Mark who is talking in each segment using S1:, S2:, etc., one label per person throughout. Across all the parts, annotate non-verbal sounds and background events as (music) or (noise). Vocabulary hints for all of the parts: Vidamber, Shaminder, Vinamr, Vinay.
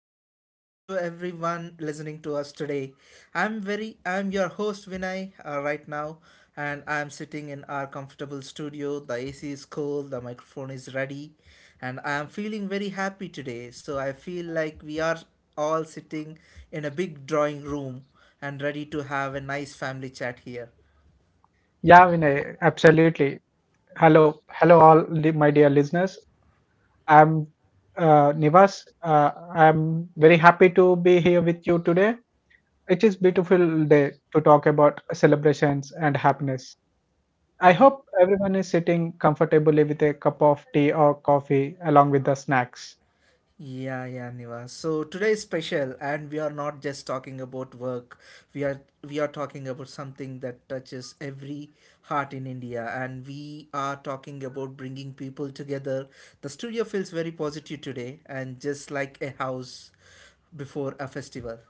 S1: Very welcome to everyone listening to us today. I'm your host Vinay right now, and I'm sitting in our comfortable studio. The AC is cool, the microphone is ready, and I am feeling very happy today. So I feel like we are all sitting in a big drawing room and ready to have a nice family chat here.
S2: Yeah, Vinay, absolutely. Hello, hello, all the, my dear listeners. I'm Nivas. I'm very happy to be here with you today. It is beautiful day to talk about celebrations and happiness. I hope everyone is sitting comfortably with a cup of tea or coffee along with the snacks.
S1: Yeah, yeah, Niva. So today is special, and we are not just talking about work. We are talking about something that touches every heart in India, and we are talking about bringing people together. The studio feels very positive today, and just like a house before a festival.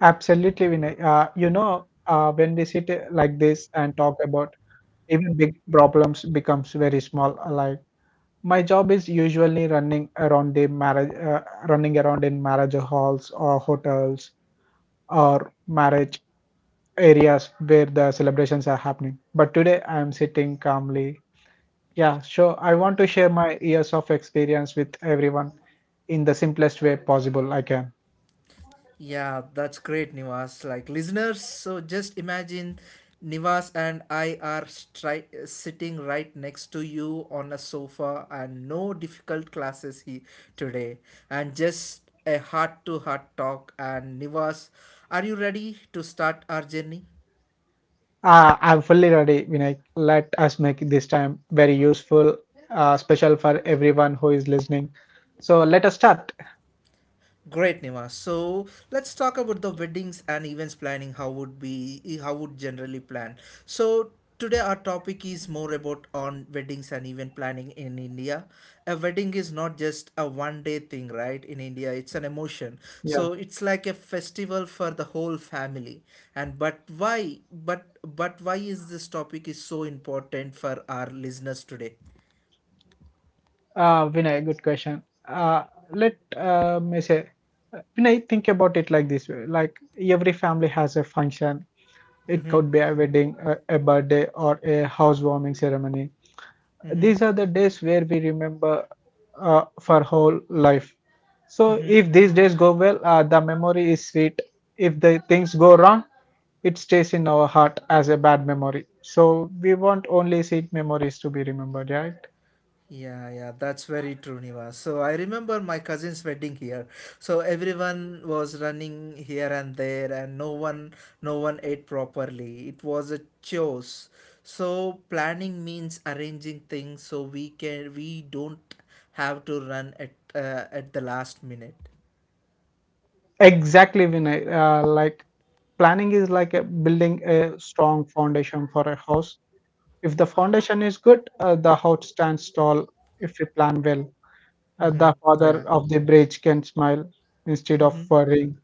S2: Absolutely, Vinay. When we sit like this and talk about even big problems becomes very small. Like my job is usually running around the marriage, running around in marriage halls or hotels or marriage areas where the celebrations are happening. But today I am sitting calmly. Yeah, sure. I want to share my years of experience with everyone in the simplest way possible I can.
S1: Yeah, that's great, Nivas. Like listeners, so just imagine Nivas and I are sitting right next to you on a sofa, and no difficult today, and just a heart to heart talk. And Nivas, are you ready to start our journey?
S2: I'm fully ready, Vinay. Let us make this time very useful, special for everyone who is listening. So let us start.
S1: Great, Nima. So let's talk about the weddings and events planning. How would generally plan. So today our topic is more about on weddings and event planning in India. A wedding is not just a one day thing, right? In India, it's an emotion.
S2: Yeah.
S1: So it's like a festival for the whole family. And but why? But why is this topic is so important for our listeners today?
S2: Vinay, good question. Uh, let uh, me say, Vinay, think about it like this way. Like every family has a function. It could be a wedding, a birthday, or a housewarming ceremony. These are the days where we remember for whole life. So if these days go well, the memory is sweet. If the things go wrong, it stays in our heart as a bad memory. So we want only sweet memories to be remembered, right?
S1: Yeah, yeah, that's very true, Niva. So I remember my cousin's wedding here. So everyone was running here and there, and no one ate properly. It was a chores. So planning means arranging things so we don't have to run at the last minute.
S2: Exactly, Vinay. Like planning is like a building a strong foundation for a house. If the foundation is good, the house stands tall. If you plan well,
S1: Mm-hmm.
S2: the father
S1: Yeah.
S2: of the bridge can smile instead of worrying.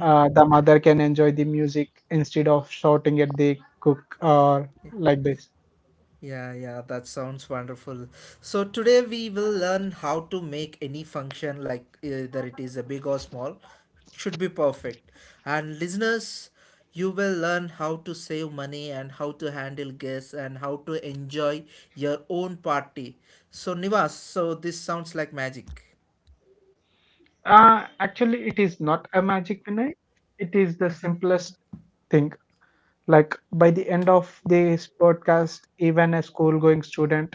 S2: The mother can enjoy the music instead of shouting at the cook or like this.
S1: Yeah, yeah, that sounds wonderful. So today we will learn how to make any function, like either it is a big or small, should be perfect. And listeners, you will learn how to save money and how to handle guests and how to enjoy your own party. So Nivas, so this sounds like magic.
S2: Actually, it is not a magic, Vinay. It is the simplest thing. Like by the end of this podcast, even a school-going student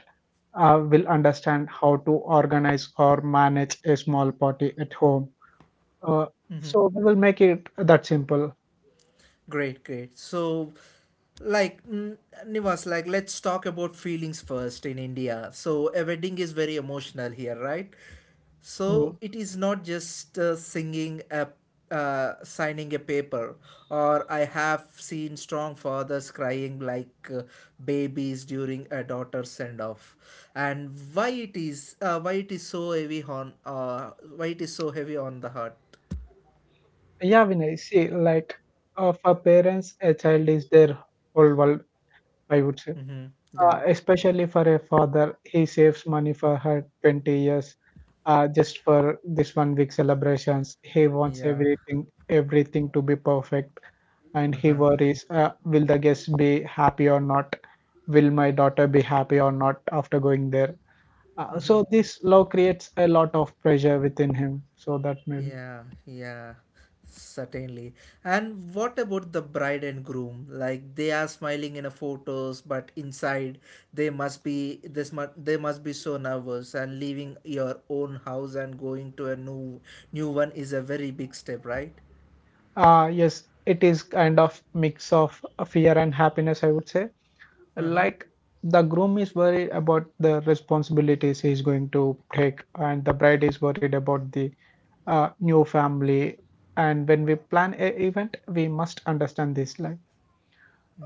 S2: will understand how to organize or manage a small party at home. Uh, so we will make it that simple.
S1: Great, great. So, like, mm, Nivas, like, let's talk about feelings first in India. So, a wedding is very emotional here, right?
S2: Mm.
S1: So, it is not just singing a signing a paper, or I have seen strong fathers crying like babies during a daughter's send off, and why it is so heavy on why it is so heavy on the heart.
S2: Yeah, Vinay. See, like for parents, a child is their whole world. I would say,
S1: Mm-hmm. Yeah,
S2: especially for a father, he saves money for her 20 years just for this 1 week celebrations. He wants
S1: yeah.
S2: everything to be perfect, and he
S1: Uh-huh.
S2: worries, will the guests be happy or not? Will my daughter be happy or not after going there? Uh,
S1: Mm-hmm.
S2: so this law creates a lot of pressure within him. So that maybe.
S1: Yeah, yeah, certainly. And what about the bride and groom? Like they are smiling in a photos, but inside they must be so nervous. And leaving your own house and going to a new one is a very big step, right?
S2: Yes, it is kind of mix of fear and happiness, I would say.
S1: Uh huh.
S2: Like the groom is worried about the responsibilities he's going to take and the bride is worried about the new family. And when we plan a event we must understand this. Like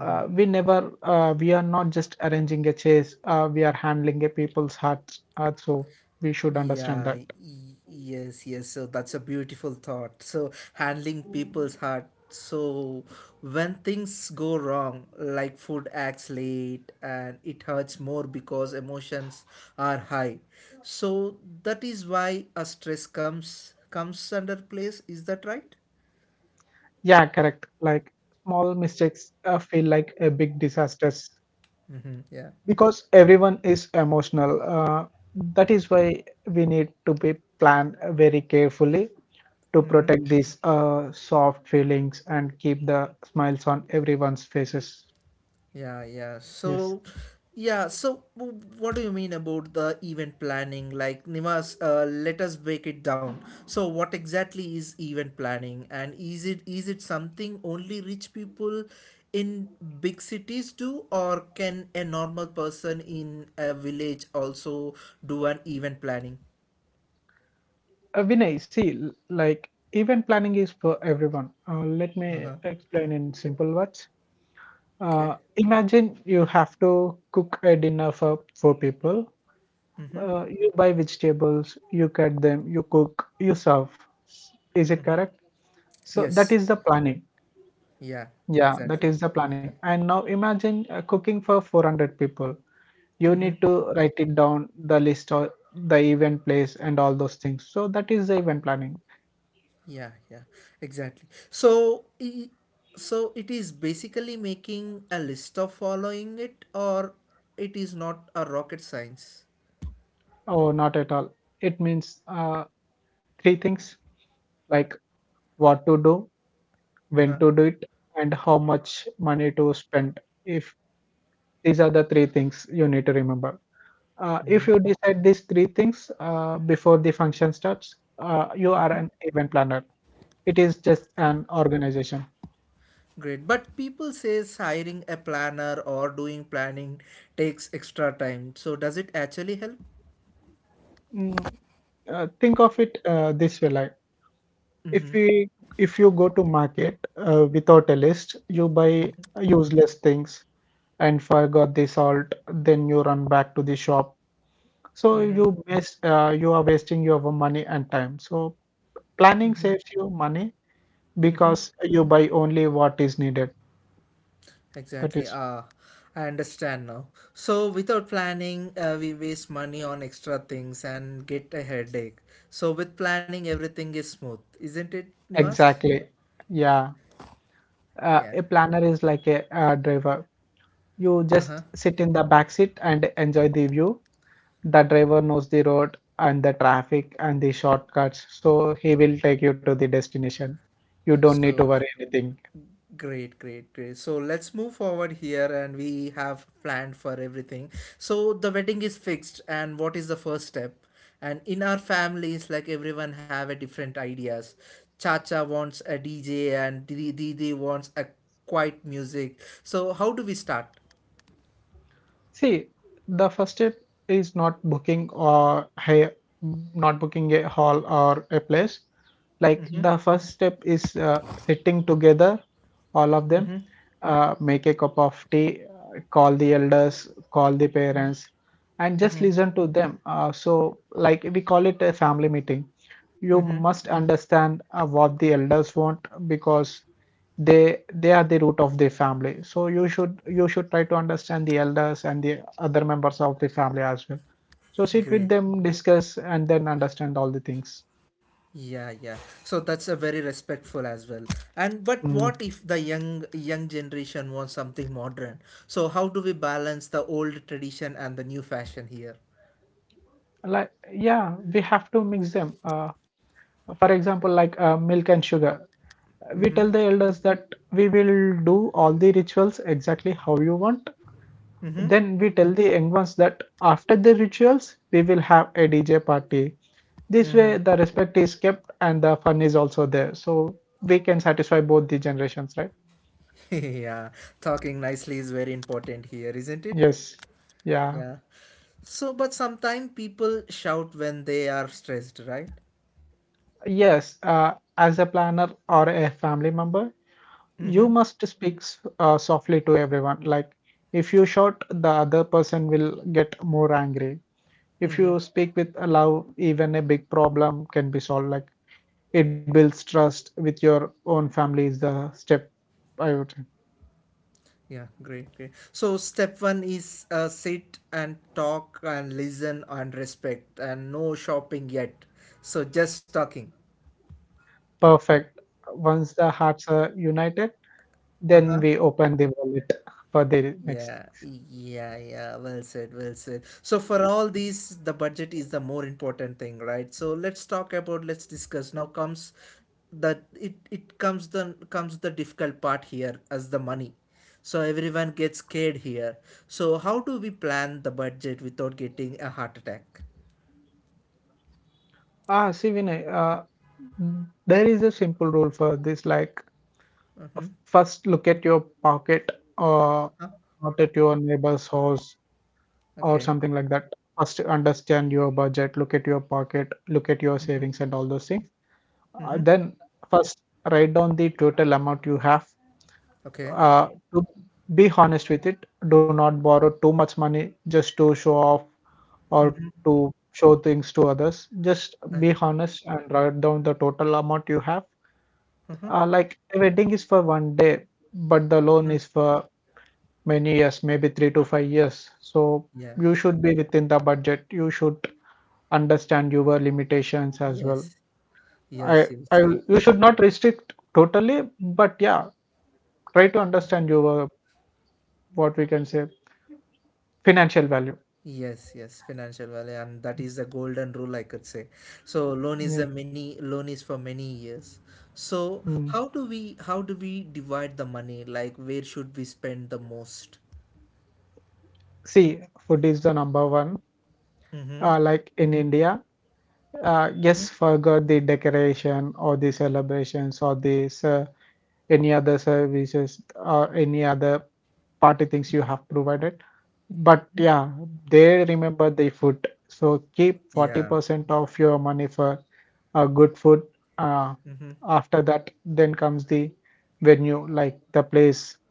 S2: we are not just arranging a chase, we are handling a people's hearts, so we should understand
S1: Yeah,
S2: that.
S1: y- yes, yes. So that's a beautiful thought. So handling people's heart. So when things go wrong, like food acts late and it hurts more because emotions are high. So that is why a stress comes under place. Is that right?
S2: Yeah, correct. Like small mistakes feel like a big disasters
S1: Mm-hmm. Yeah.
S2: because everyone is emotional, that is why we need to be planned very carefully to protect these soft feelings and keep the smiles on everyone's faces.
S1: Yeah, yeah.
S2: Yes.
S1: So, yeah. So, what do you mean about the event planning? Like, Nimas, let us break it down. So, what exactly is event planning, and is it something only rich people in big cities do, or can a normal person in a village also do an event planning?
S2: Vinay, see, like event planning is for everyone. Let me
S1: Uh huh.
S2: explain in simple words.
S1: Okay.
S2: Imagine you have to cook a dinner for 4 people. You buy vegetables, you cut them, you cook, you serve. Is it correct? So
S1: Yes.
S2: that is the planning.
S1: Yeah.
S2: Yeah,
S1: Exactly.
S2: that is the planning. And now imagine cooking for 400 people. You need to write it down, the list of the event place and all those things. So that is the event planning.
S1: Yeah, yeah, exactly. So, so it is basically making a list of following it, or it is not a rocket science.
S2: Oh, not at all. It means three things, like what to do, when
S1: Uh-huh.
S2: to do it, and how much money to spend. If these are the three things you need to remember. If you decide these three things before the function starts, you are an event planner. It is just an organization.
S1: Great, but people says hiring a planner or doing planning takes extra time. So, does it actually help?
S2: Mm, think of it this way, like if we if you go to market without a list, you buy useless things and forgot the salt, then you run back to the shop. So you waste, you are wasting your money and time. So planning saves you money because you buy only what is needed. That
S1: Exactly.
S2: is
S1: Ah, I understand now. So, without planning, we waste money on extra things and get a headache. So, with planning, everything is smooth, isn't it, Nivas?
S2: exactly, yeah.
S1: Yeah.
S2: A planner is like a, driver. You
S1: Uh-huh.
S2: just sit in the back seat and enjoy the view. The driver knows the road and the traffic and the shortcuts, so he will take you to the destination. You don't need
S1: So
S2: to worry anything.
S1: great, great, great. So let's move forward here and we have planned for everything. So the wedding is fixed and what is the first step? And in our families, like everyone have a different ideas. Chacha wants a DJ and Didi wants a quiet music. So how do we start?
S2: See, the first step is not booking or hey, not booking a hall or a place. Like the first step is sitting together all of them, make a cup of tea, call the elders, call the parents and just listen to them, so like we call it a family meeting. You must understand what the elders want because they are the root of the family, so you should try to understand the elders and the other members of the family as well. So sit with
S1: Great.
S2: them, discuss and then understand all the things.
S1: Yeah, yeah. So that's a very respectful as well. And but
S2: Mm.
S1: what if the young generation wants something modern? So how do we balance the old tradition and the new fashion here?
S2: Like, yeah, we have to mix them. For example, like milk and sugar. We tell the elders that we will do all the rituals exactly how you want. Then we tell the young ones that after the rituals, we will have a DJ party. This way, the respect is kept and the fun is also there. So we can satisfy both the generations, right?
S1: (laughs) Yeah, talking nicely is very important here, isn't it?
S2: Yes. Yeah.
S1: Yeah. So but sometimes people shout when they are stressed, right?
S2: Yes. As a planner or a family member, you must speak softly to everyone. Like, if you shout, the other person will get more angry. If you speak with love, even a big problem can be solved. Like, it builds trust with your own family, is the step I would say.
S1: Yeah, great, great. So step one is sit and talk and listen and respect and no shopping yet. So just talking.
S2: Perfect. Once the hearts are united, then we open the wallet for the next
S1: Yeah,
S2: things.
S1: yeah, yeah. Well said, well said. So for all these, the budget is the more important thing, right? So let's talk about, let's discuss. Now comes that it comes the difficult part here as the money. So everyone gets scared here. So how do we plan the budget without getting a heart attack?
S2: Ah, see, Vinay, there is a simple rule for this. Like,
S1: Mm-hmm.
S2: first look at your pocket or
S1: Huh?
S2: not at your neighbor's house or
S1: Okay.
S2: something like that. First understand your budget, look at your pocket, look at your savings and all those things.
S1: Mm-hmm.
S2: Then first write down the total amount you have,
S1: Okay.
S2: uh, to be honest with it. Do not borrow too much money just to show off or to show things to others. Just be honest and write down the total amount you have.
S1: Mm-hmm.
S2: Like a wedding is for 1 day, but the loan is for many years, maybe 3 to 5 years. So
S1: Yeah.
S2: you should be within the budget. You should understand your limitations as well.
S1: Yes.
S2: I,
S1: Yes,
S2: I,
S1: yes, yes.
S2: you should not restrict totally, but yeah, try to understand your what we can say financial value.
S1: Yes, yes, financial value, and that is the golden rule, I could say. So
S2: Yeah.
S1: loan is for many years. So
S2: Mm.
S1: how do we divide the money? Like where should we spend the most?
S2: See, food is the number one.
S1: Mm-hmm.
S2: Like in India, yes, forget the decoration or the celebrations or this. Any other services or any other party things you have provided. But yeah, they remember the food. So keep
S1: Yeah.
S2: 40% of your money for good food. Uh,
S1: Mm-hmm.
S2: After that, then comes the venue, like the place,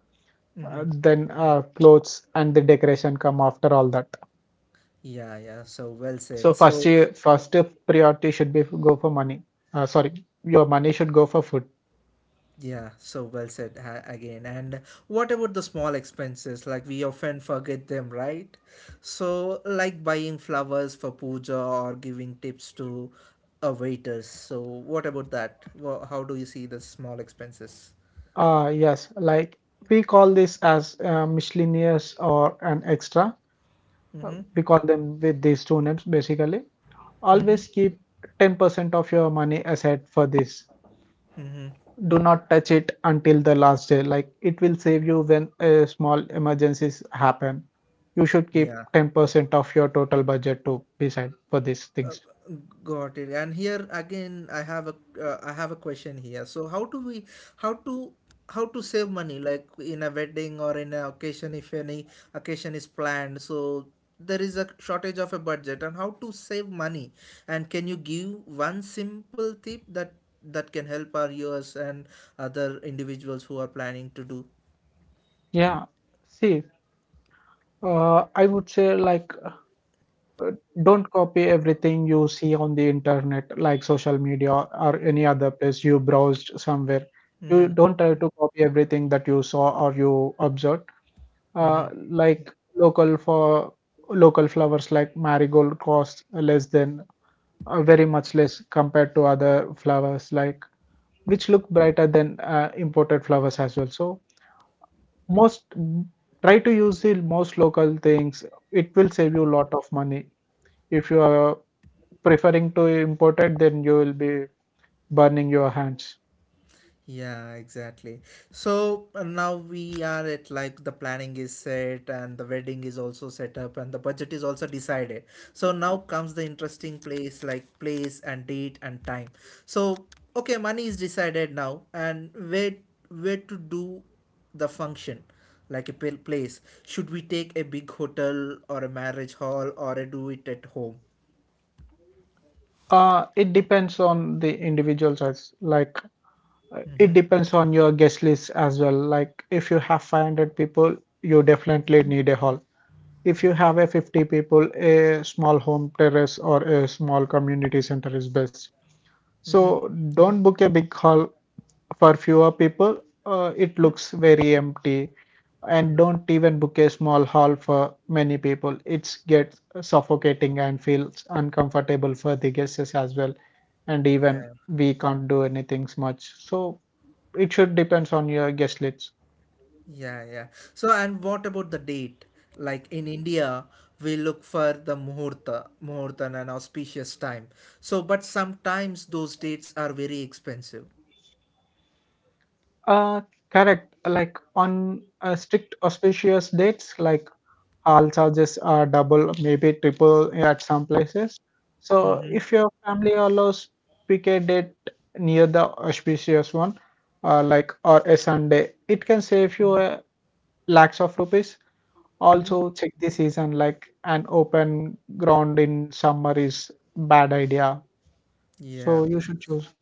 S1: Mm-hmm.
S2: then clothes and the decoration come after all that.
S1: Yeah, yeah. So well
S2: So
S1: said.
S2: first,
S1: So
S2: first priority should be go for money. Sorry, your money should go for food.
S1: yeah, so well said again. And what about the small expenses? Like we often forget them, right? So, like buying flowers for puja or giving tips to waiters. So, what about that? How do you see the small expenses?
S2: Ah, yes, like we call this as miscellaneous or an extra.
S1: Mm-hmm.
S2: We call them with these two names basically.
S1: Mm-hmm.
S2: Always keep 10% of your money aside for this.
S1: Mm-hmm.
S2: Do not touch it until the last day. Like it will save you when small emergencies happen. You should keep
S1: Yeah.
S2: 10% of your total budget to beside for these things.
S1: Got it. And here again, I have a question here. So how do we how to how to save money like in a wedding or in a occasion if any occasion is planned? So there is a shortage of a budget and how to save money. And can you give one simple tip that can help our viewers and other individuals who are planning to do?
S2: Yeah, see, I would say like uh, don't copy everything you see on the internet like social media or any other place you browsed somewhere. You
S1: Mm-hmm,
S2: don't try to copy everything that you saw or you observed,
S1: mm-hmm.
S2: like local for local flowers like marigold cost less than very much less compared to other flowers like which look brighter than imported flowers as well. So most try to use the most local things. It will save you a lot of money. If you are preferring to import it, then you will be burning your hands.
S1: Yeah, exactly. So now we are at like the planning is set and the wedding is also set up and the budget is also decided. So now comes the interesting place like place and date and time. So okay, money is decided now and where to do the function like a place. Should we take a big hotel or a marriage hall or a do it at home?
S2: It depends on the individual size. Like it depends on your guest list as well. Like if you have 500 people, you definitely need a hall. If you have a 50 people, a small home terrace or a small community center is best. So don't book a big hall for fewer people. It looks very empty and don't even book a small hall for many people. It gets suffocating and feels uncomfortable for the guests as well. And even we can't do anything much. So it should depends on your guest list.
S1: Yeah, yeah. So, and what about the date? Like in India, we look for the muhurta and an auspicious time. So, but sometimes those dates are very expensive.
S2: Uh, Correct. Like on strict auspicious dates, like hall charges are double, maybe triple at some places. So if your family allows, pick a date near the auspicious one, like or a Sunday. It can save you
S1: Mm-hmm.
S2: lakhs of rupees. Also, check the season. Like an open ground in summer is bad idea. So
S1: Yeah.
S2: you should choose.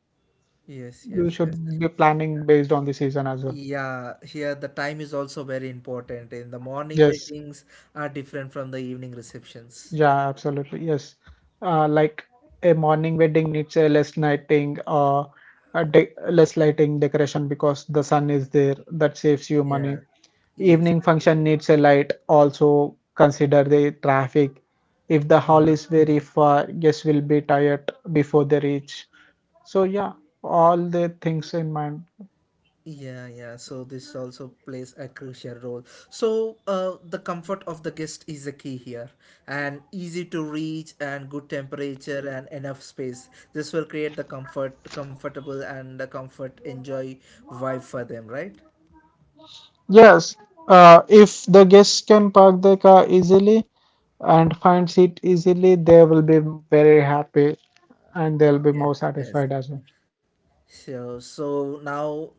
S1: Yes,
S2: You
S1: yes, yes.
S2: should be planning based on the season as well.
S1: Yeah, here the time is also very important. In the morning
S2: Yes.
S1: weddings are different from the evening receptions.
S2: Yeah, absolutely. Yes. Like a morning wedding needs a less lighting or a de less lighting decoration because the sun is there. That saves you money.
S1: Yeah. Yes,
S2: Evening
S1: yes.
S2: function needs a light. Also consider the traffic. If the hall
S1: Uh-huh.
S2: is very far, guests will be tired before they reach. So yeah, all the things in mind.
S1: Yeah, yeah. So this also plays a crucial role. So the comfort of the guest is the key here, and easy to reach, and good temperature, and enough space. This will create the comfort, comfortable, and the comfort enjoy vibe for them, right?
S2: Yes, if the guests can park their car easily and find seat easily, they will be very happy and they'll be more
S1: Yes,
S2: satisfied
S1: yes.
S2: as well.
S1: So, so now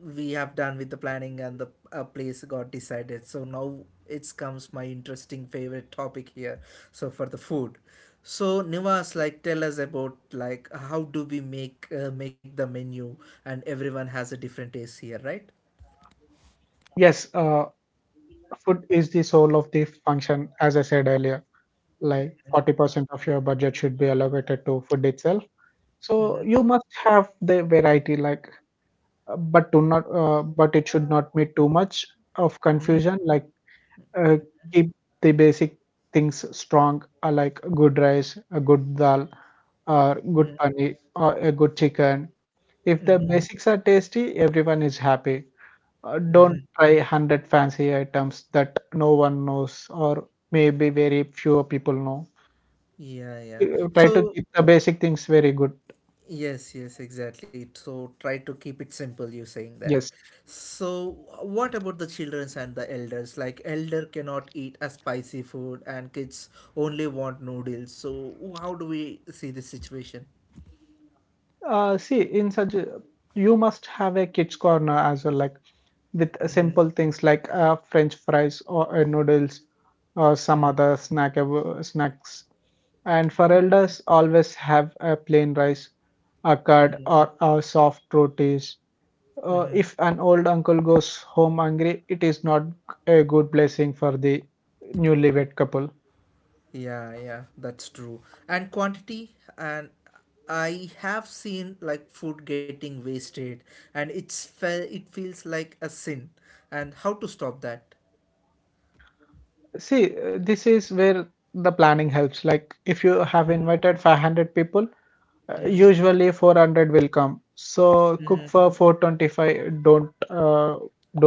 S1: we have done with the planning and the place got decided. So now it comes my interesting favorite topic here. So for the food. So Nivas, like tell us about like how do we make the menu and everyone has a different taste here, right?
S2: Yes, food is the soul of the function, as I said earlier. Like 40% of your budget should be allocated to food itself. So you must have the variety, like, but do not, but it should not be too much of confusion. Like uh, keep the basic things strong, like good rice, a good dal, or good
S1: Mm-hmm,
S2: paneer, or a good chicken. If
S1: mm-hmm,
S2: the basics are tasty, everyone is happy.
S1: mm-hmm.
S2: Don't try 100 fancy items that no one knows, or maybe very few people know.
S1: Yeah, yeah.
S2: Try to
S1: So
S2: keep the basic things very good.
S1: yes, yes, exactly. So try to keep it simple, you saying that.
S2: Yes.
S1: So what about the childrens and the elders? Like elder cannot eat a spicy food and kids only want noodles. So how do we see this situation?
S2: See, in such a, You must have a kids corner as well, like with simple things like French fries or noodles or some other snacks. And for elders, always have a plain rice, a curd, or a soft rotis. If an old uncle goes home hungry, it is not a good blessing for the newlywed couple.
S1: Yeah, yeah, that's true. And quantity and I have seen like food getting wasted and it's it feels like a sin. And how to stop that?
S2: This is where the planning helps. Like, if you have
S1: Mm-hmm.
S2: invited 500 people, usually 400 will come. So cook for 425.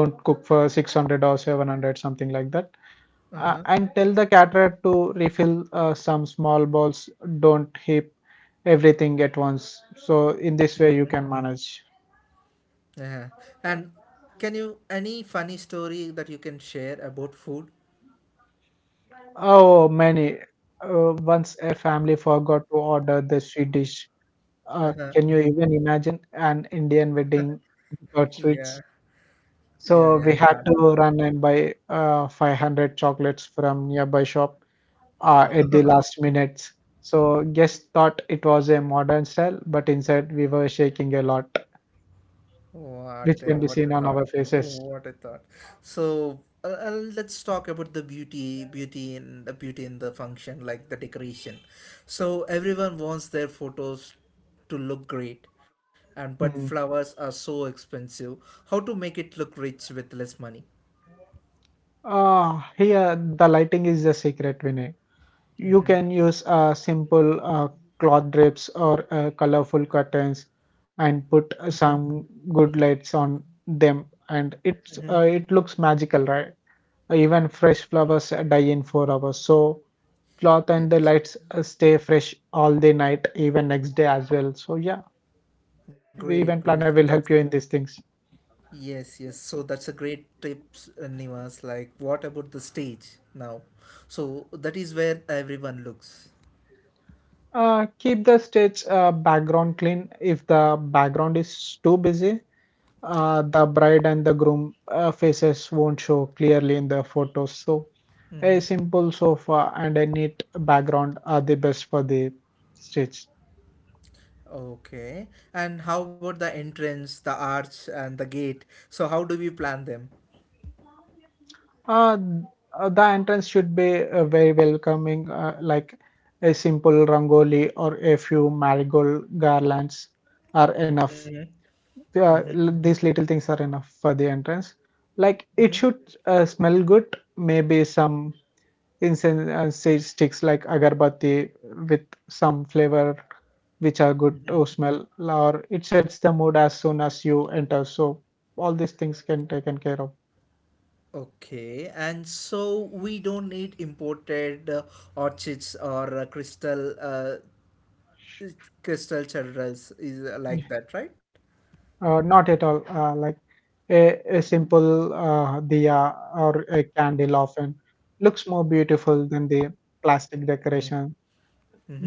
S2: Don't cook for 600 or 700, something like that.
S1: Uh-huh.
S2: And tell the caterer to refill some small bowls. Don't heap everything at once. So in this way you can manage.
S1: Yeah. And can you any funny story that you can share about food?
S2: Oh, many. Once a family forgot to order the sweet dish. Can you even imagine an Indian wedding without
S1: Yeah.
S2: sweets?
S1: Yeah,
S2: So
S1: yeah,
S2: we had
S1: can't.
S2: to run and buy 500 chocolates from nearby shop at the last minutes. So guests thought it was a modern style, but inside we were shaking a lot, which can be
S1: What a
S2: seen on
S1: thought.
S2: our faces.
S1: What a thought. So let's talk about the beauty, beauty in the function, like the decoration. So everyone wants their photos to look great, and but
S2: Mm.
S1: flowers are so expensive. How to make it look rich with less money?
S2: Here, the lighting is the secret, Vinay. You
S1: Mm-hmm.
S2: can use simple cloth drapes or colorful curtains and put some good lights on them, and it's
S1: Mm-hmm.
S2: uh, it looks magical, right? Even fresh flowers die in 4 hours, so cloth
S1: Yes.
S2: and the lights stay fresh all the night, even next day as well. So yeah,
S1: Great, great.
S2: event
S1: So
S2: planner will
S1: that's
S2: help you in these things.
S1: yes, yes. So that's a great tips, Nivas. Like, what about the stage now? So that is where everyone looks.
S2: Keep the stage background clean. If the background is too busy, the bride and the groom faces won't show clearly in the photos. So
S1: Mm-hmm.
S2: a simple sofa and a neat background are the best for the stage.
S1: Okay. And how about the entrance, the arch, and the gate? So how do we plan them?
S2: Uh, the entrance should be very welcoming, like a simple rangoli or a few marigold garlands are enough.
S1: Mm-hmm,
S2: These little things are enough for the entrance. Like it
S1: mm-hmm.
S2: should smell good, maybe some incense sticks like agarbatti with some flavor which are good to smell, or it sets the mood as soon as you enter. So all these things can taken care of.
S1: Okay, and so we don't need imported orchids or crystal churros is
S2: Yeah.
S1: like that, right?
S2: Not at all, like a, a simple diya or a candle often looks more beautiful than the plastic decoration.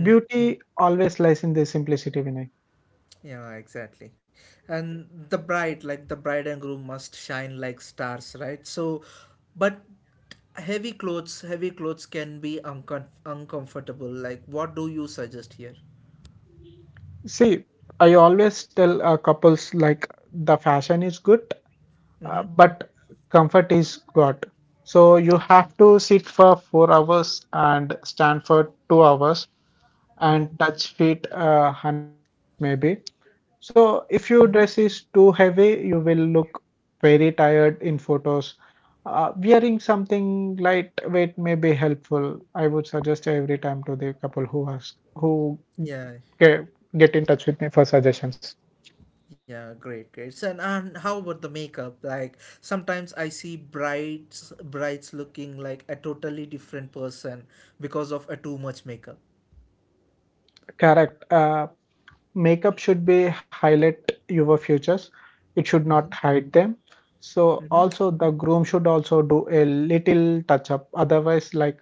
S2: Beauty always lies in the simplicity, Vinay.
S1: Yeah, exactly. And the bride, like the bride and groom, must shine like stars, right? So, but heavy clothes can be uncomfortable. Like, what do you suggest here?
S2: See, I always tell couples, like the fashion is good,
S1: Mm-hmm.
S2: but comfort is got. So you have to sit for 4 hours and stand for 2 hours and touch feet 100 times maybe. So if your dress is too heavy, you will look very tired in photos. Wearing something lightweight may be helpful. I would suggest every time to the couple who ask who
S1: Yeah,
S2: get, get in touch with me for suggestions.
S1: yeah, great, great. So, and how about the makeup? Like, sometimes I see brides looking like a totally different person because of a too much makeup.
S2: Correct. Makeup should be highlight your features, it should
S1: Mm-hmm.
S2: not hide them. So also the groom should also do a little touch up. Otherwise, like,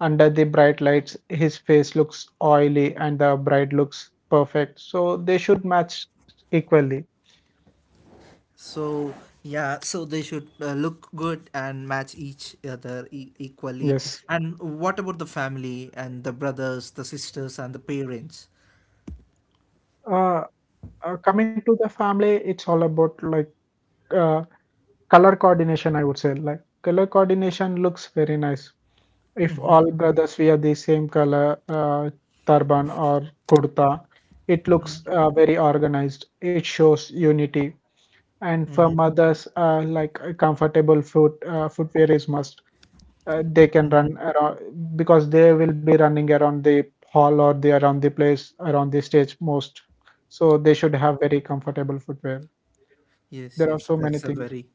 S2: under the bright lights his face looks oily and the bride looks perfect, so they should match equally.
S1: So yeah, so they should look good and match each other equally.
S2: Yes.
S1: And what about the family and the brothers, the sisters, and the parents?
S2: uh, Coming to the family, it's all about like uh, color coordination, I would say. Like color coordination looks very nice. If all brothers wear the same color turban or kurta, it looks very organized. It shows unity. And for mothers, like a comfortable footwear is must. They can run around, because they will be running around the hall or the around the place around the stage most. So they should have very comfortable footwear.
S1: Yes,
S2: There are
S1: yes,
S2: so
S1: that's
S2: many
S1: a
S2: things.
S1: very,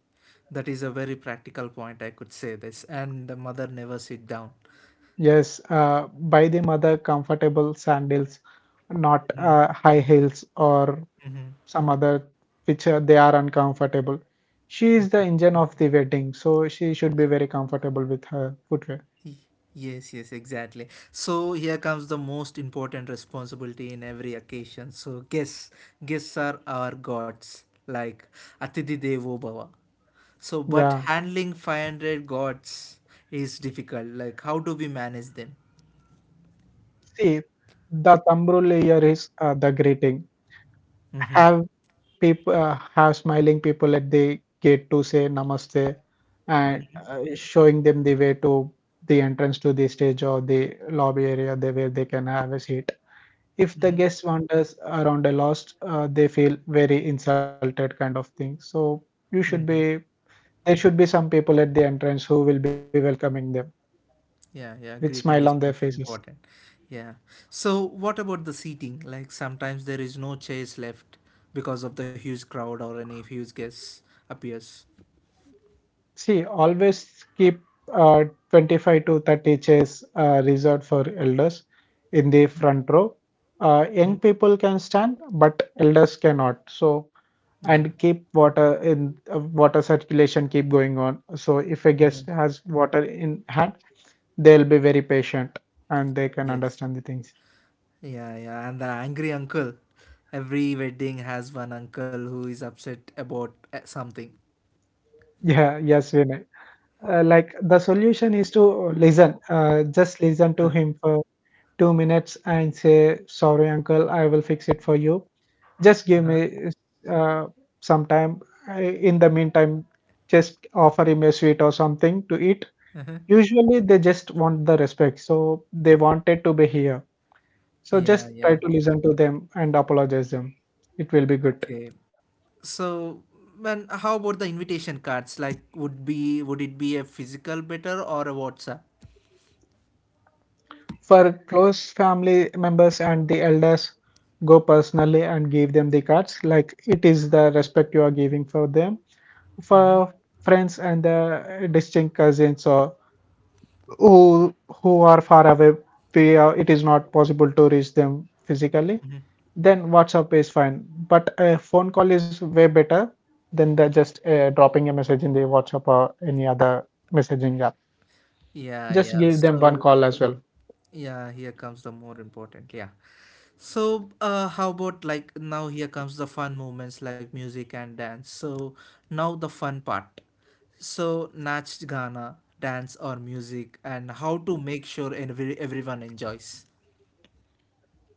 S1: that is a very practical point. I could say this, and the mother never sit down.
S2: Yes, buy the mother comfortable sandals, not
S1: Mhm,
S2: high heels or
S1: mhm.
S2: some other which they are uncomfortable. She is the engine of the wedding, so she should be very comfortable with her footwear.
S1: Y- Yes, yes, exactly. So here comes the most important responsibility in every occasion. So guests, guests are our gods, like Atidhi Devo Bhava. So, but
S2: Yeah.
S1: handling 500 gods is difficult. Like, how do we manage them?
S2: See, the thumb rule here is the greeting. Have people have smiling people at the gate to say namaste and showing them the way to the entrance, to the stage, or the lobby area, where they can have a seat. If the guest wanders around a lost, they feel very insulted kind of thing. So you should be there should be some people at the entrance who will be welcoming them
S1: Yeah, yeah,
S2: with
S1: greeting
S2: smile
S1: is
S2: on their
S1: most
S2: faces.
S1: important. Yeah. So, what about the seating? Like, sometimes there is no chairs left because of the huge crowd or any huge guest appears.
S2: See, always keep uh, 25 to 30 chairs reserved for elders in the front row. Young people can stand, but elders cannot. So,
S1: Yeah.
S2: and keep water in water circulation keep going on. So if a guest
S1: Mhm.
S2: has water in hand, they'll be very patient and they can
S1: Yes.
S2: understand the things. (laughs)
S1: Yeah, yeah, and the angry uncle. Every wedding has one uncle who is upset about something.
S2: Yeah, yes, Vinay. Like the solution is to listen just listen to him for 2 minutes and say sorry uncle I will fix it for you, just give me uh, some time. I- in the meantime, just offer him a sweet or something to eat. Usually they just want the respect, so they wanted to be here. So
S1: Yeah,
S2: just try
S1: yeah.
S2: to listen to them and apologize them. It will be good.
S1: Okay. So, man, how about the invitation cards? Like, would it be a physical better or a WhatsApp?
S2: For close family members and the elders, go personally and give them the cards, like it is the respect you are giving for them. For friends and the distant cousins or who who are far away, it is not possible to reach them physically. Then WhatsApp is fine, but a phone call is way better than the just dropping a message in the WhatsApp or any other messaging app.
S1: Yeah,
S2: Just
S1: yeah.
S2: give them one
S1: So,
S2: call as well.
S1: yeah, here comes the more important. Yeah. So, how about like now here comes the fun moments like music and dance. So, now the fun part. So, nach gana, dance or music and how to make sure everyone enjoys.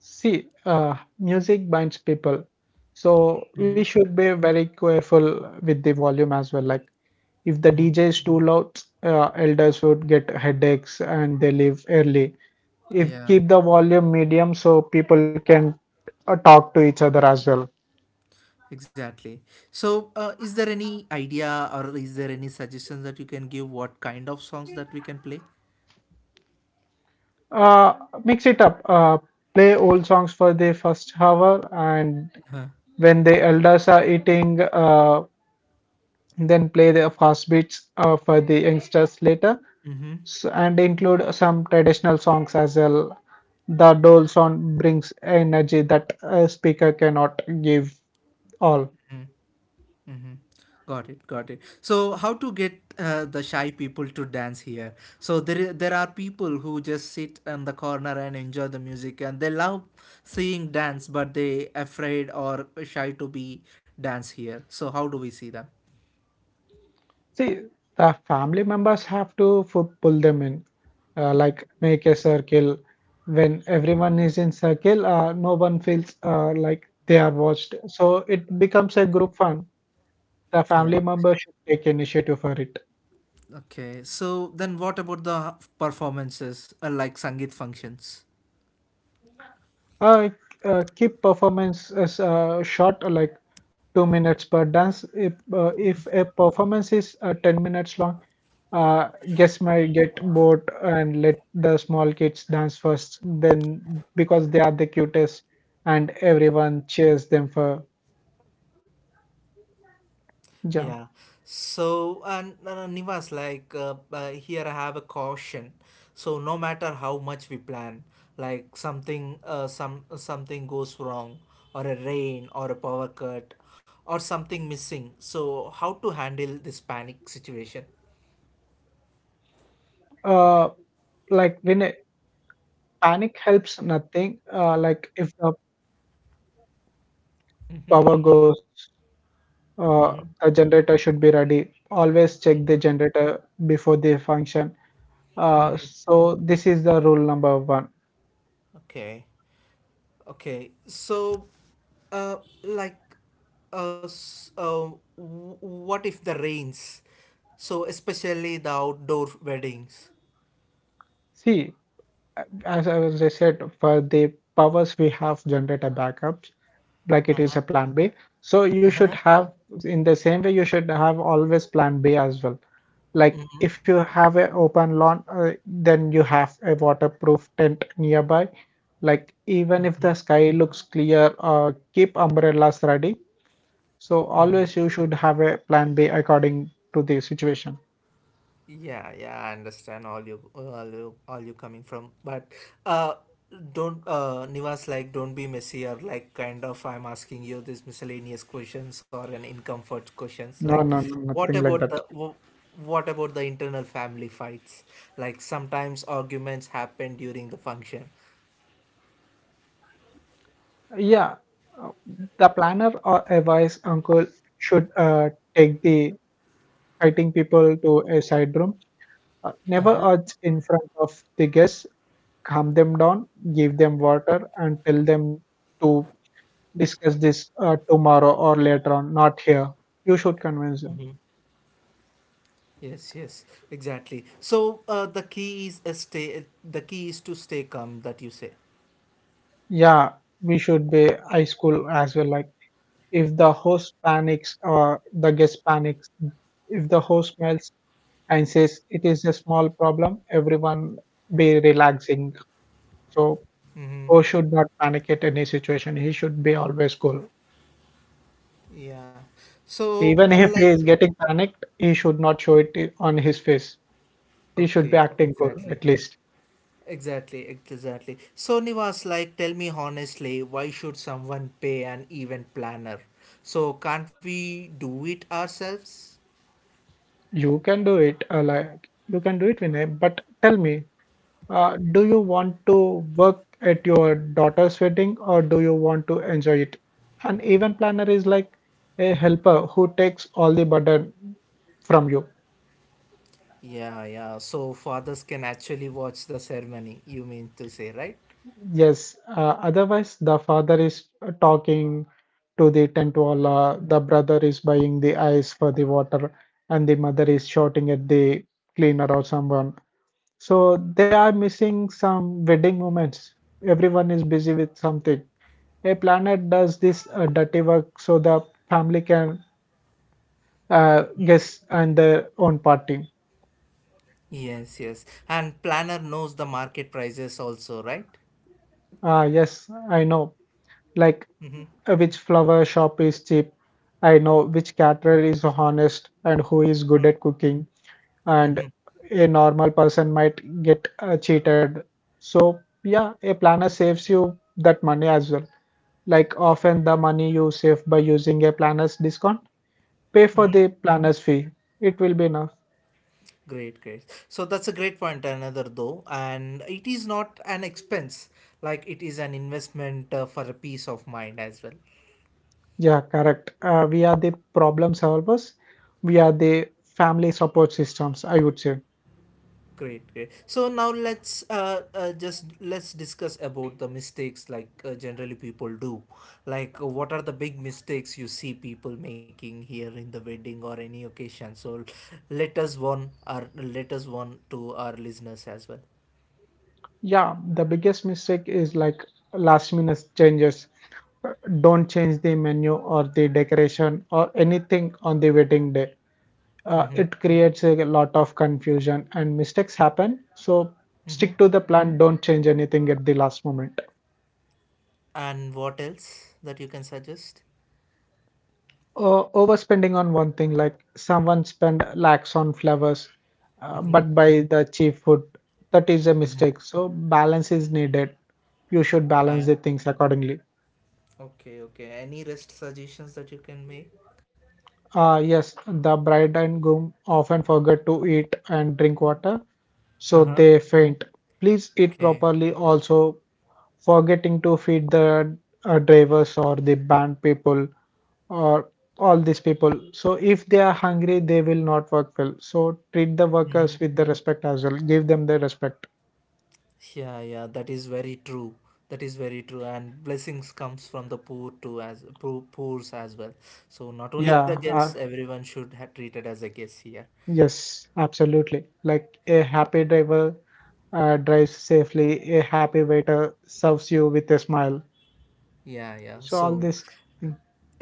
S2: See, music binds people, so we
S1: Mm-hmm,
S2: should be very careful with the volume as well. Like, if the
S1: mm-hmm.
S2: DJ is too loud, elders would get headaches and they leave early. If
S1: Yeah,
S2: keep the volume medium, so people can talk to each other as well.
S1: exactly. So, is there any idea or is there any suggestions that you can give what kind of songs that we can play?
S2: Uh, Mix it up. Play old songs for the first hour, and when the elders are eating, then play the fast beats for the youngsters later.
S1: Mm-hmm.
S2: And include some traditional songs as well. The dole sound brings energy that a speaker cannot give all.
S1: Mhm. Got it, got it. So, how to get the shy people to dance here? So there, there are people who just sit in the corner and enjoy the music, and they love seeing dance, but they afraid or shy to be dance here. So how do we see them?
S2: See, the family members have to pull them in, like make a circle. When everyone is in circle, no one feels like they are watched. So it becomes a group fun. The
S1: Yeah.
S2: family members should take initiative for it.
S1: Okay. So then, what about the performances, like Sangeet functions?
S2: Uh, Keep performance as short, like 2 minutes per dance. If a performance is 10 minutes long, uh, guests might get bored. And let the small kids dance first. Then because they are the cutest, and everyone cheers them for jump.
S1: Yeah. So, and Nivas, like here I have a caution. So no matter how much we plan, like something, something goes wrong, or a rain, or a power cut, or something missing. So how to handle this panic situation?
S2: Uh, like when a panic helps nothing. Like if the power goes, uh, a generator should be ready. Always check the generator before the function. So this is the rule number one.
S1: Okay. Okay. So, uh, like, uh, s- uh, what if the rains? So especially the outdoor weddings.
S2: See, as I said, for the powers we have generate a backups, like it is a plan B. So you
S1: Uh-huh.
S2: should have In the same way you should have always plan B as well. Like if you have a open lawn, then you have a waterproof tent nearby. Like even if the sky looks clear, keep umbrellas ready. So always you should have a plan B according to the situation.
S1: Yeah, yeah, I understand all you coming from, but uh, don't Nivas like don't be messy or like kind of I'm asking you these miscellaneous questions or an incomfort questions like
S2: No, no, no,
S1: what
S2: nothing
S1: about
S2: like
S1: the
S2: that.
S1: wh- what about the internal family fights? Like sometimes arguments happen during the function.
S2: Yeah, uh, the planner or a wise uncle should take the fighting people to a side room. Never
S1: Uh-huh.
S2: urge in front of the guests. Calm them down, give them water, and tell them to discuss this tomorrow or later on, not here. You should convince them.
S1: Yes, yes, exactly. So the key is a stay. The key is to stay calm. That you say.
S2: Yeah, we should be high school as well. Like if the host panics or the guest panics, if the host smells and says it is a small problem, everyone be relaxing, so
S1: Mm-hmm.
S2: o should not panic at any situation. He should be always cool.
S1: Yeah. So
S2: Even if he is getting panicked, he should not show it on his face. He should be
S1: Okay,
S2: acting cool
S1: exactly.
S2: at least.
S1: Exactly, exactly. So Nivas, like, tell me honestly, why should someone pay an event planner? So can't we do it ourselves?
S2: You can do it, like you can do it, Vinay, but tell me, do you want to work at your daughter's wedding or do you want to enjoy it? An event planner is like a helper who takes all the burden from you.
S1: Yeah, yeah. So fathers can actually watch the ceremony, you mean to say, right?
S2: Yes, otherwise the father is talking to the tent walla, the brother is buying the ice for the water, and the mother is shouting at the cleaner or someone. So they are missing some wedding moments. Everyone is busy with something. A planet does this dirty work so the family can guess and their own party.
S1: Yes, yes. And planner knows the market prices also, right?
S2: Ah, yes, I know. Like which flower shop is cheap. I know which caterer is honest and who is good at cooking. And a normal person might get cheated. So, yeah, a planner saves you that money as well. Like often the money you save by using a planner's discount, pay for the planner's fee. It will be enough.
S1: Great, great. So that's a great point, another though. And it is not an expense, like it is an investment for a peace of mind as well.
S2: Yeah, correct. We are the problem solvers. We are the family support systems, I would say.
S1: Great, great. So now let's just let's discuss about the mistakes like generally people do. Like what are the big mistakes you see people making here in the wedding or any occasion? So let us warn to our listeners as well.
S2: Yeah, the biggest mistake is like last minute changes. Don't change the menu or the decoration or anything on the wedding day. It creates a lot of confusion and mistakes happen. So stick to the plan, don't change anything at the last moment.
S1: And what else that you can suggest?
S2: Overspending on one thing, like someone spent lakhs on flowers,
S1: Mm-hmm,
S2: but buy the cheap food, that is a
S1: mm-hmm.
S2: mistake. So balance is needed. You should balance
S1: Uh,
S2: the things accordingly.
S1: okay, okay. Any rest suggestions that you can make?
S2: Ah, yes, the bride and groom often forget to eat and drink water, so
S1: Uh-huh.
S2: they faint. Please eat
S1: Okay.
S2: properly, also forgetting to feed the drivers or the band people or all these people. So if they are hungry, they will not work well. So treat the workers with the respect as well. Give them the respect.
S1: Yeah, yeah, that is very true. That is very true, and blessings comes from the poor too, as poor, poors as well. So not only the
S2: Yeah,
S1: guests, everyone should have treated as a guest here.
S2: yes, absolutely. Like a happy driver drives safely, a happy waiter serves you with a smile.
S1: Yeah, yeah.
S2: So all
S1: So
S2: this,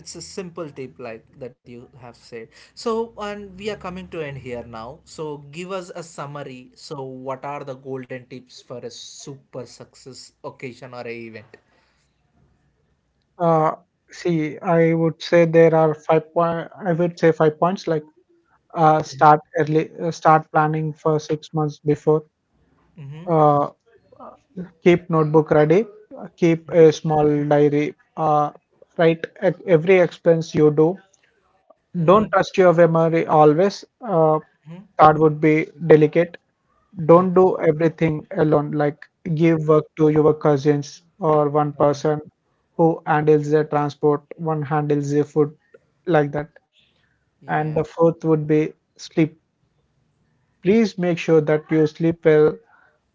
S1: it's a simple tip like that you have said. So and we are coming to end here now. So give us a summary. So what are the golden tips for a super success occasion or a event?
S2: uh, see, I would say there are 5 point. I would say 5 points like start early, start planning for 6 months before.
S1: Mm-hmm.
S2: Uh, keep notebook ready. Keep a small diary. Write every expense you do.
S1: Mm-hmm.
S2: Don't trust your memory always. Third would be delicate. Don't do everything alone, like give work to your cousins or one
S1: Uh-huh.
S2: person who handles the transport, one handles the food, like that.
S1: Yeah.
S2: And the fourth would be sleep. Please make sure that you sleep well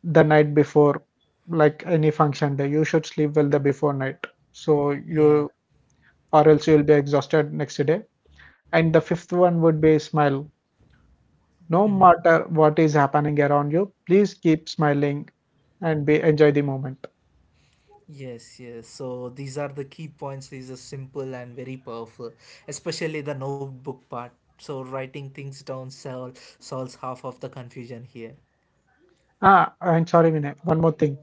S2: the night before, like any function day. You should sleep well the before night. So
S1: Yeah.
S2: you, or else you'll be exhausted next day. And the fifth one would be smile. No
S1: Mm-hmm.
S2: matter what is happening around you, please keep smiling and be enjoy the moment.
S1: Yes, yes. So these are the key points. These are simple and very powerful, especially the notebook part. So writing things down solves half of the confusion here.
S2: Ah, I'm sorry, Vinay. One more thing.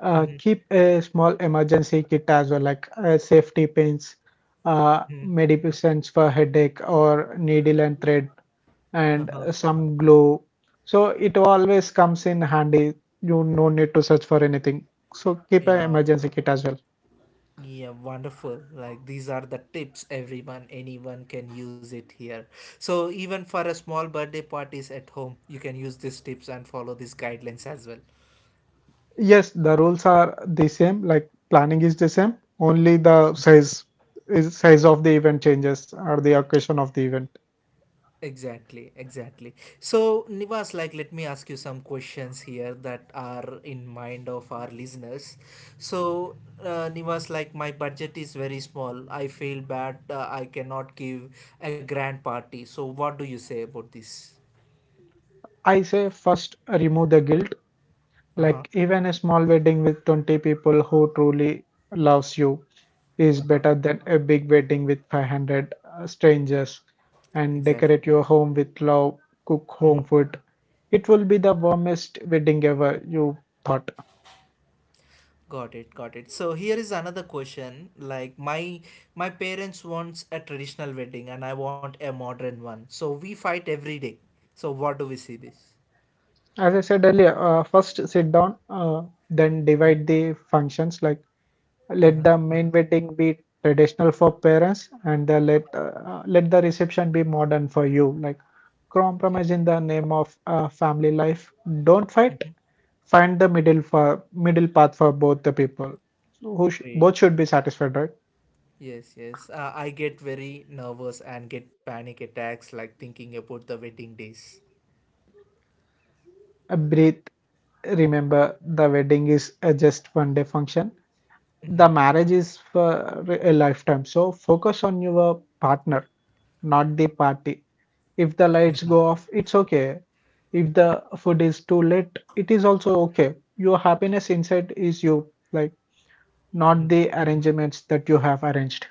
S2: Uh,
S1: Mm-hmm,
S2: keep a small emergency kit as well, like safety pins,
S1: mm-hmm.
S2: medications for headache or needle and thread, and
S1: Uh-huh.
S2: some glue. So it always comes in handy. You no need to search for anything. So keep an
S1: Yeah.
S2: emergency kit as well.
S1: Yeah, wonderful. Like these are the tips everyone, anyone can use it here. So even for a small birthday parties at home, you can use these tips and follow these guidelines as well.
S2: Yes, the rules are the same, like planning is the same, only the size is size of the event changes or the occasion of the event.
S1: Exactly, exactly. So, Nivas, like, let me ask you some questions here that are in mind of our listeners. So, Nivas, like, my budget is very small. I feel bad. I cannot give a grand party. So, what do you say about this?
S2: I say first remove the guilt,
S1: Uh
S2: like
S1: huh.
S2: even a small wedding with 20 people who truly loves you is better than a big wedding with 500 strangers, and
S1: Exactly.
S2: decorate your home with love, cook home food. It will be the warmest wedding ever you thought.
S1: Got it, got it. So here is another question. Like my parents wants a traditional wedding and I want a modern one. So we fight every day. So what do we see this?
S2: As I said earlier, first sit down, then divide the functions. Like let
S1: Uh-huh.
S2: the main wedding be traditional for parents, and the let let the reception be modern for you. Like
S1: Okay.
S2: compromise in the name of family life. Don't fight. Find the middle for middle path for both the people. So
S1: Great.
S2: both should be satisfied, right?
S1: Yes, yes. I get very nervous and get panic attacks like thinking about the wedding days.
S2: Breathe. Remember, the wedding is just 1 day function. The marriage is for a lifetime, so focus on your partner, not the party. If the lights go off, it's okay. If the food is too late, it is also okay. Your happiness inside is you, like not the arrangements that you have arranged.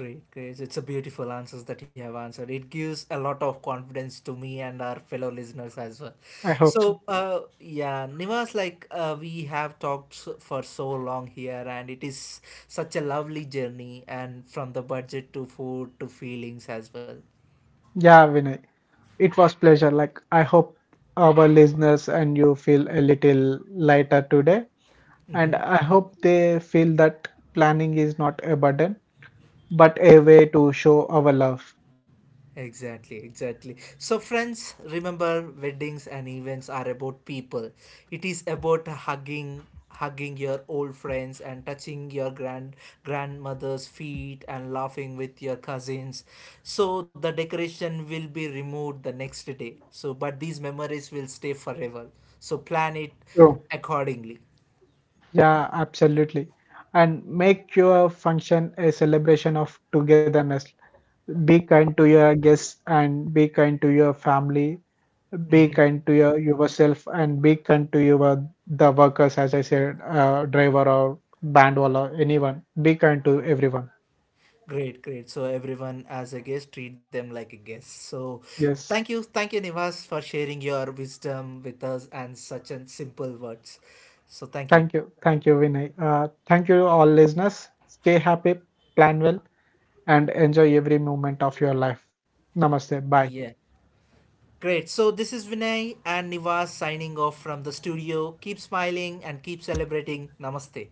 S1: Great, great. It's a beautiful answers that you have answered. It gives a lot of confidence to me and our fellow listeners as well.
S2: I hope so.
S1: So, yeah, Nivas, like we have talked for so long here, and it is such a lovely journey, and from the budget to food to feelings as well.
S2: Yeah, Vinay, it was pleasure. Like I hope our listeners and you feel a little lighter today, and
S1: Mhm.
S2: I hope they feel that planning is not a burden, but a way to show our love.
S1: Exactly, exactly. So, friends, remember weddings and events are about people. It is about hugging your old friends and touching your grandmother's feet and laughing with your cousins, so the decoration will be removed the next day, so but these memories will stay forever, so plan it
S2: True.
S1: accordingly.
S2: Yeah, absolutely. And make your function a celebration of togetherness. Be kind to your guests and be kind to your family. Be kind to yourself and be kind to your the workers, as I said, driver or bandwall or anyone. Be kind to everyone.
S1: Great, great. So everyone as a guest, treat them like a guest. So
S2: Yes.
S1: thank you, Nivas, for sharing your wisdom with us and such an simple words. So thank you.
S2: Thank you. Thank you, Vinay. Thank you, all listeners. Stay happy, plan well, and enjoy every moment of your life. Namaste.
S1: Yeah.
S2: Bye.
S1: Great. So this is Vinay and Nivas signing off from the studio. Keep smiling and keep celebrating. Namaste.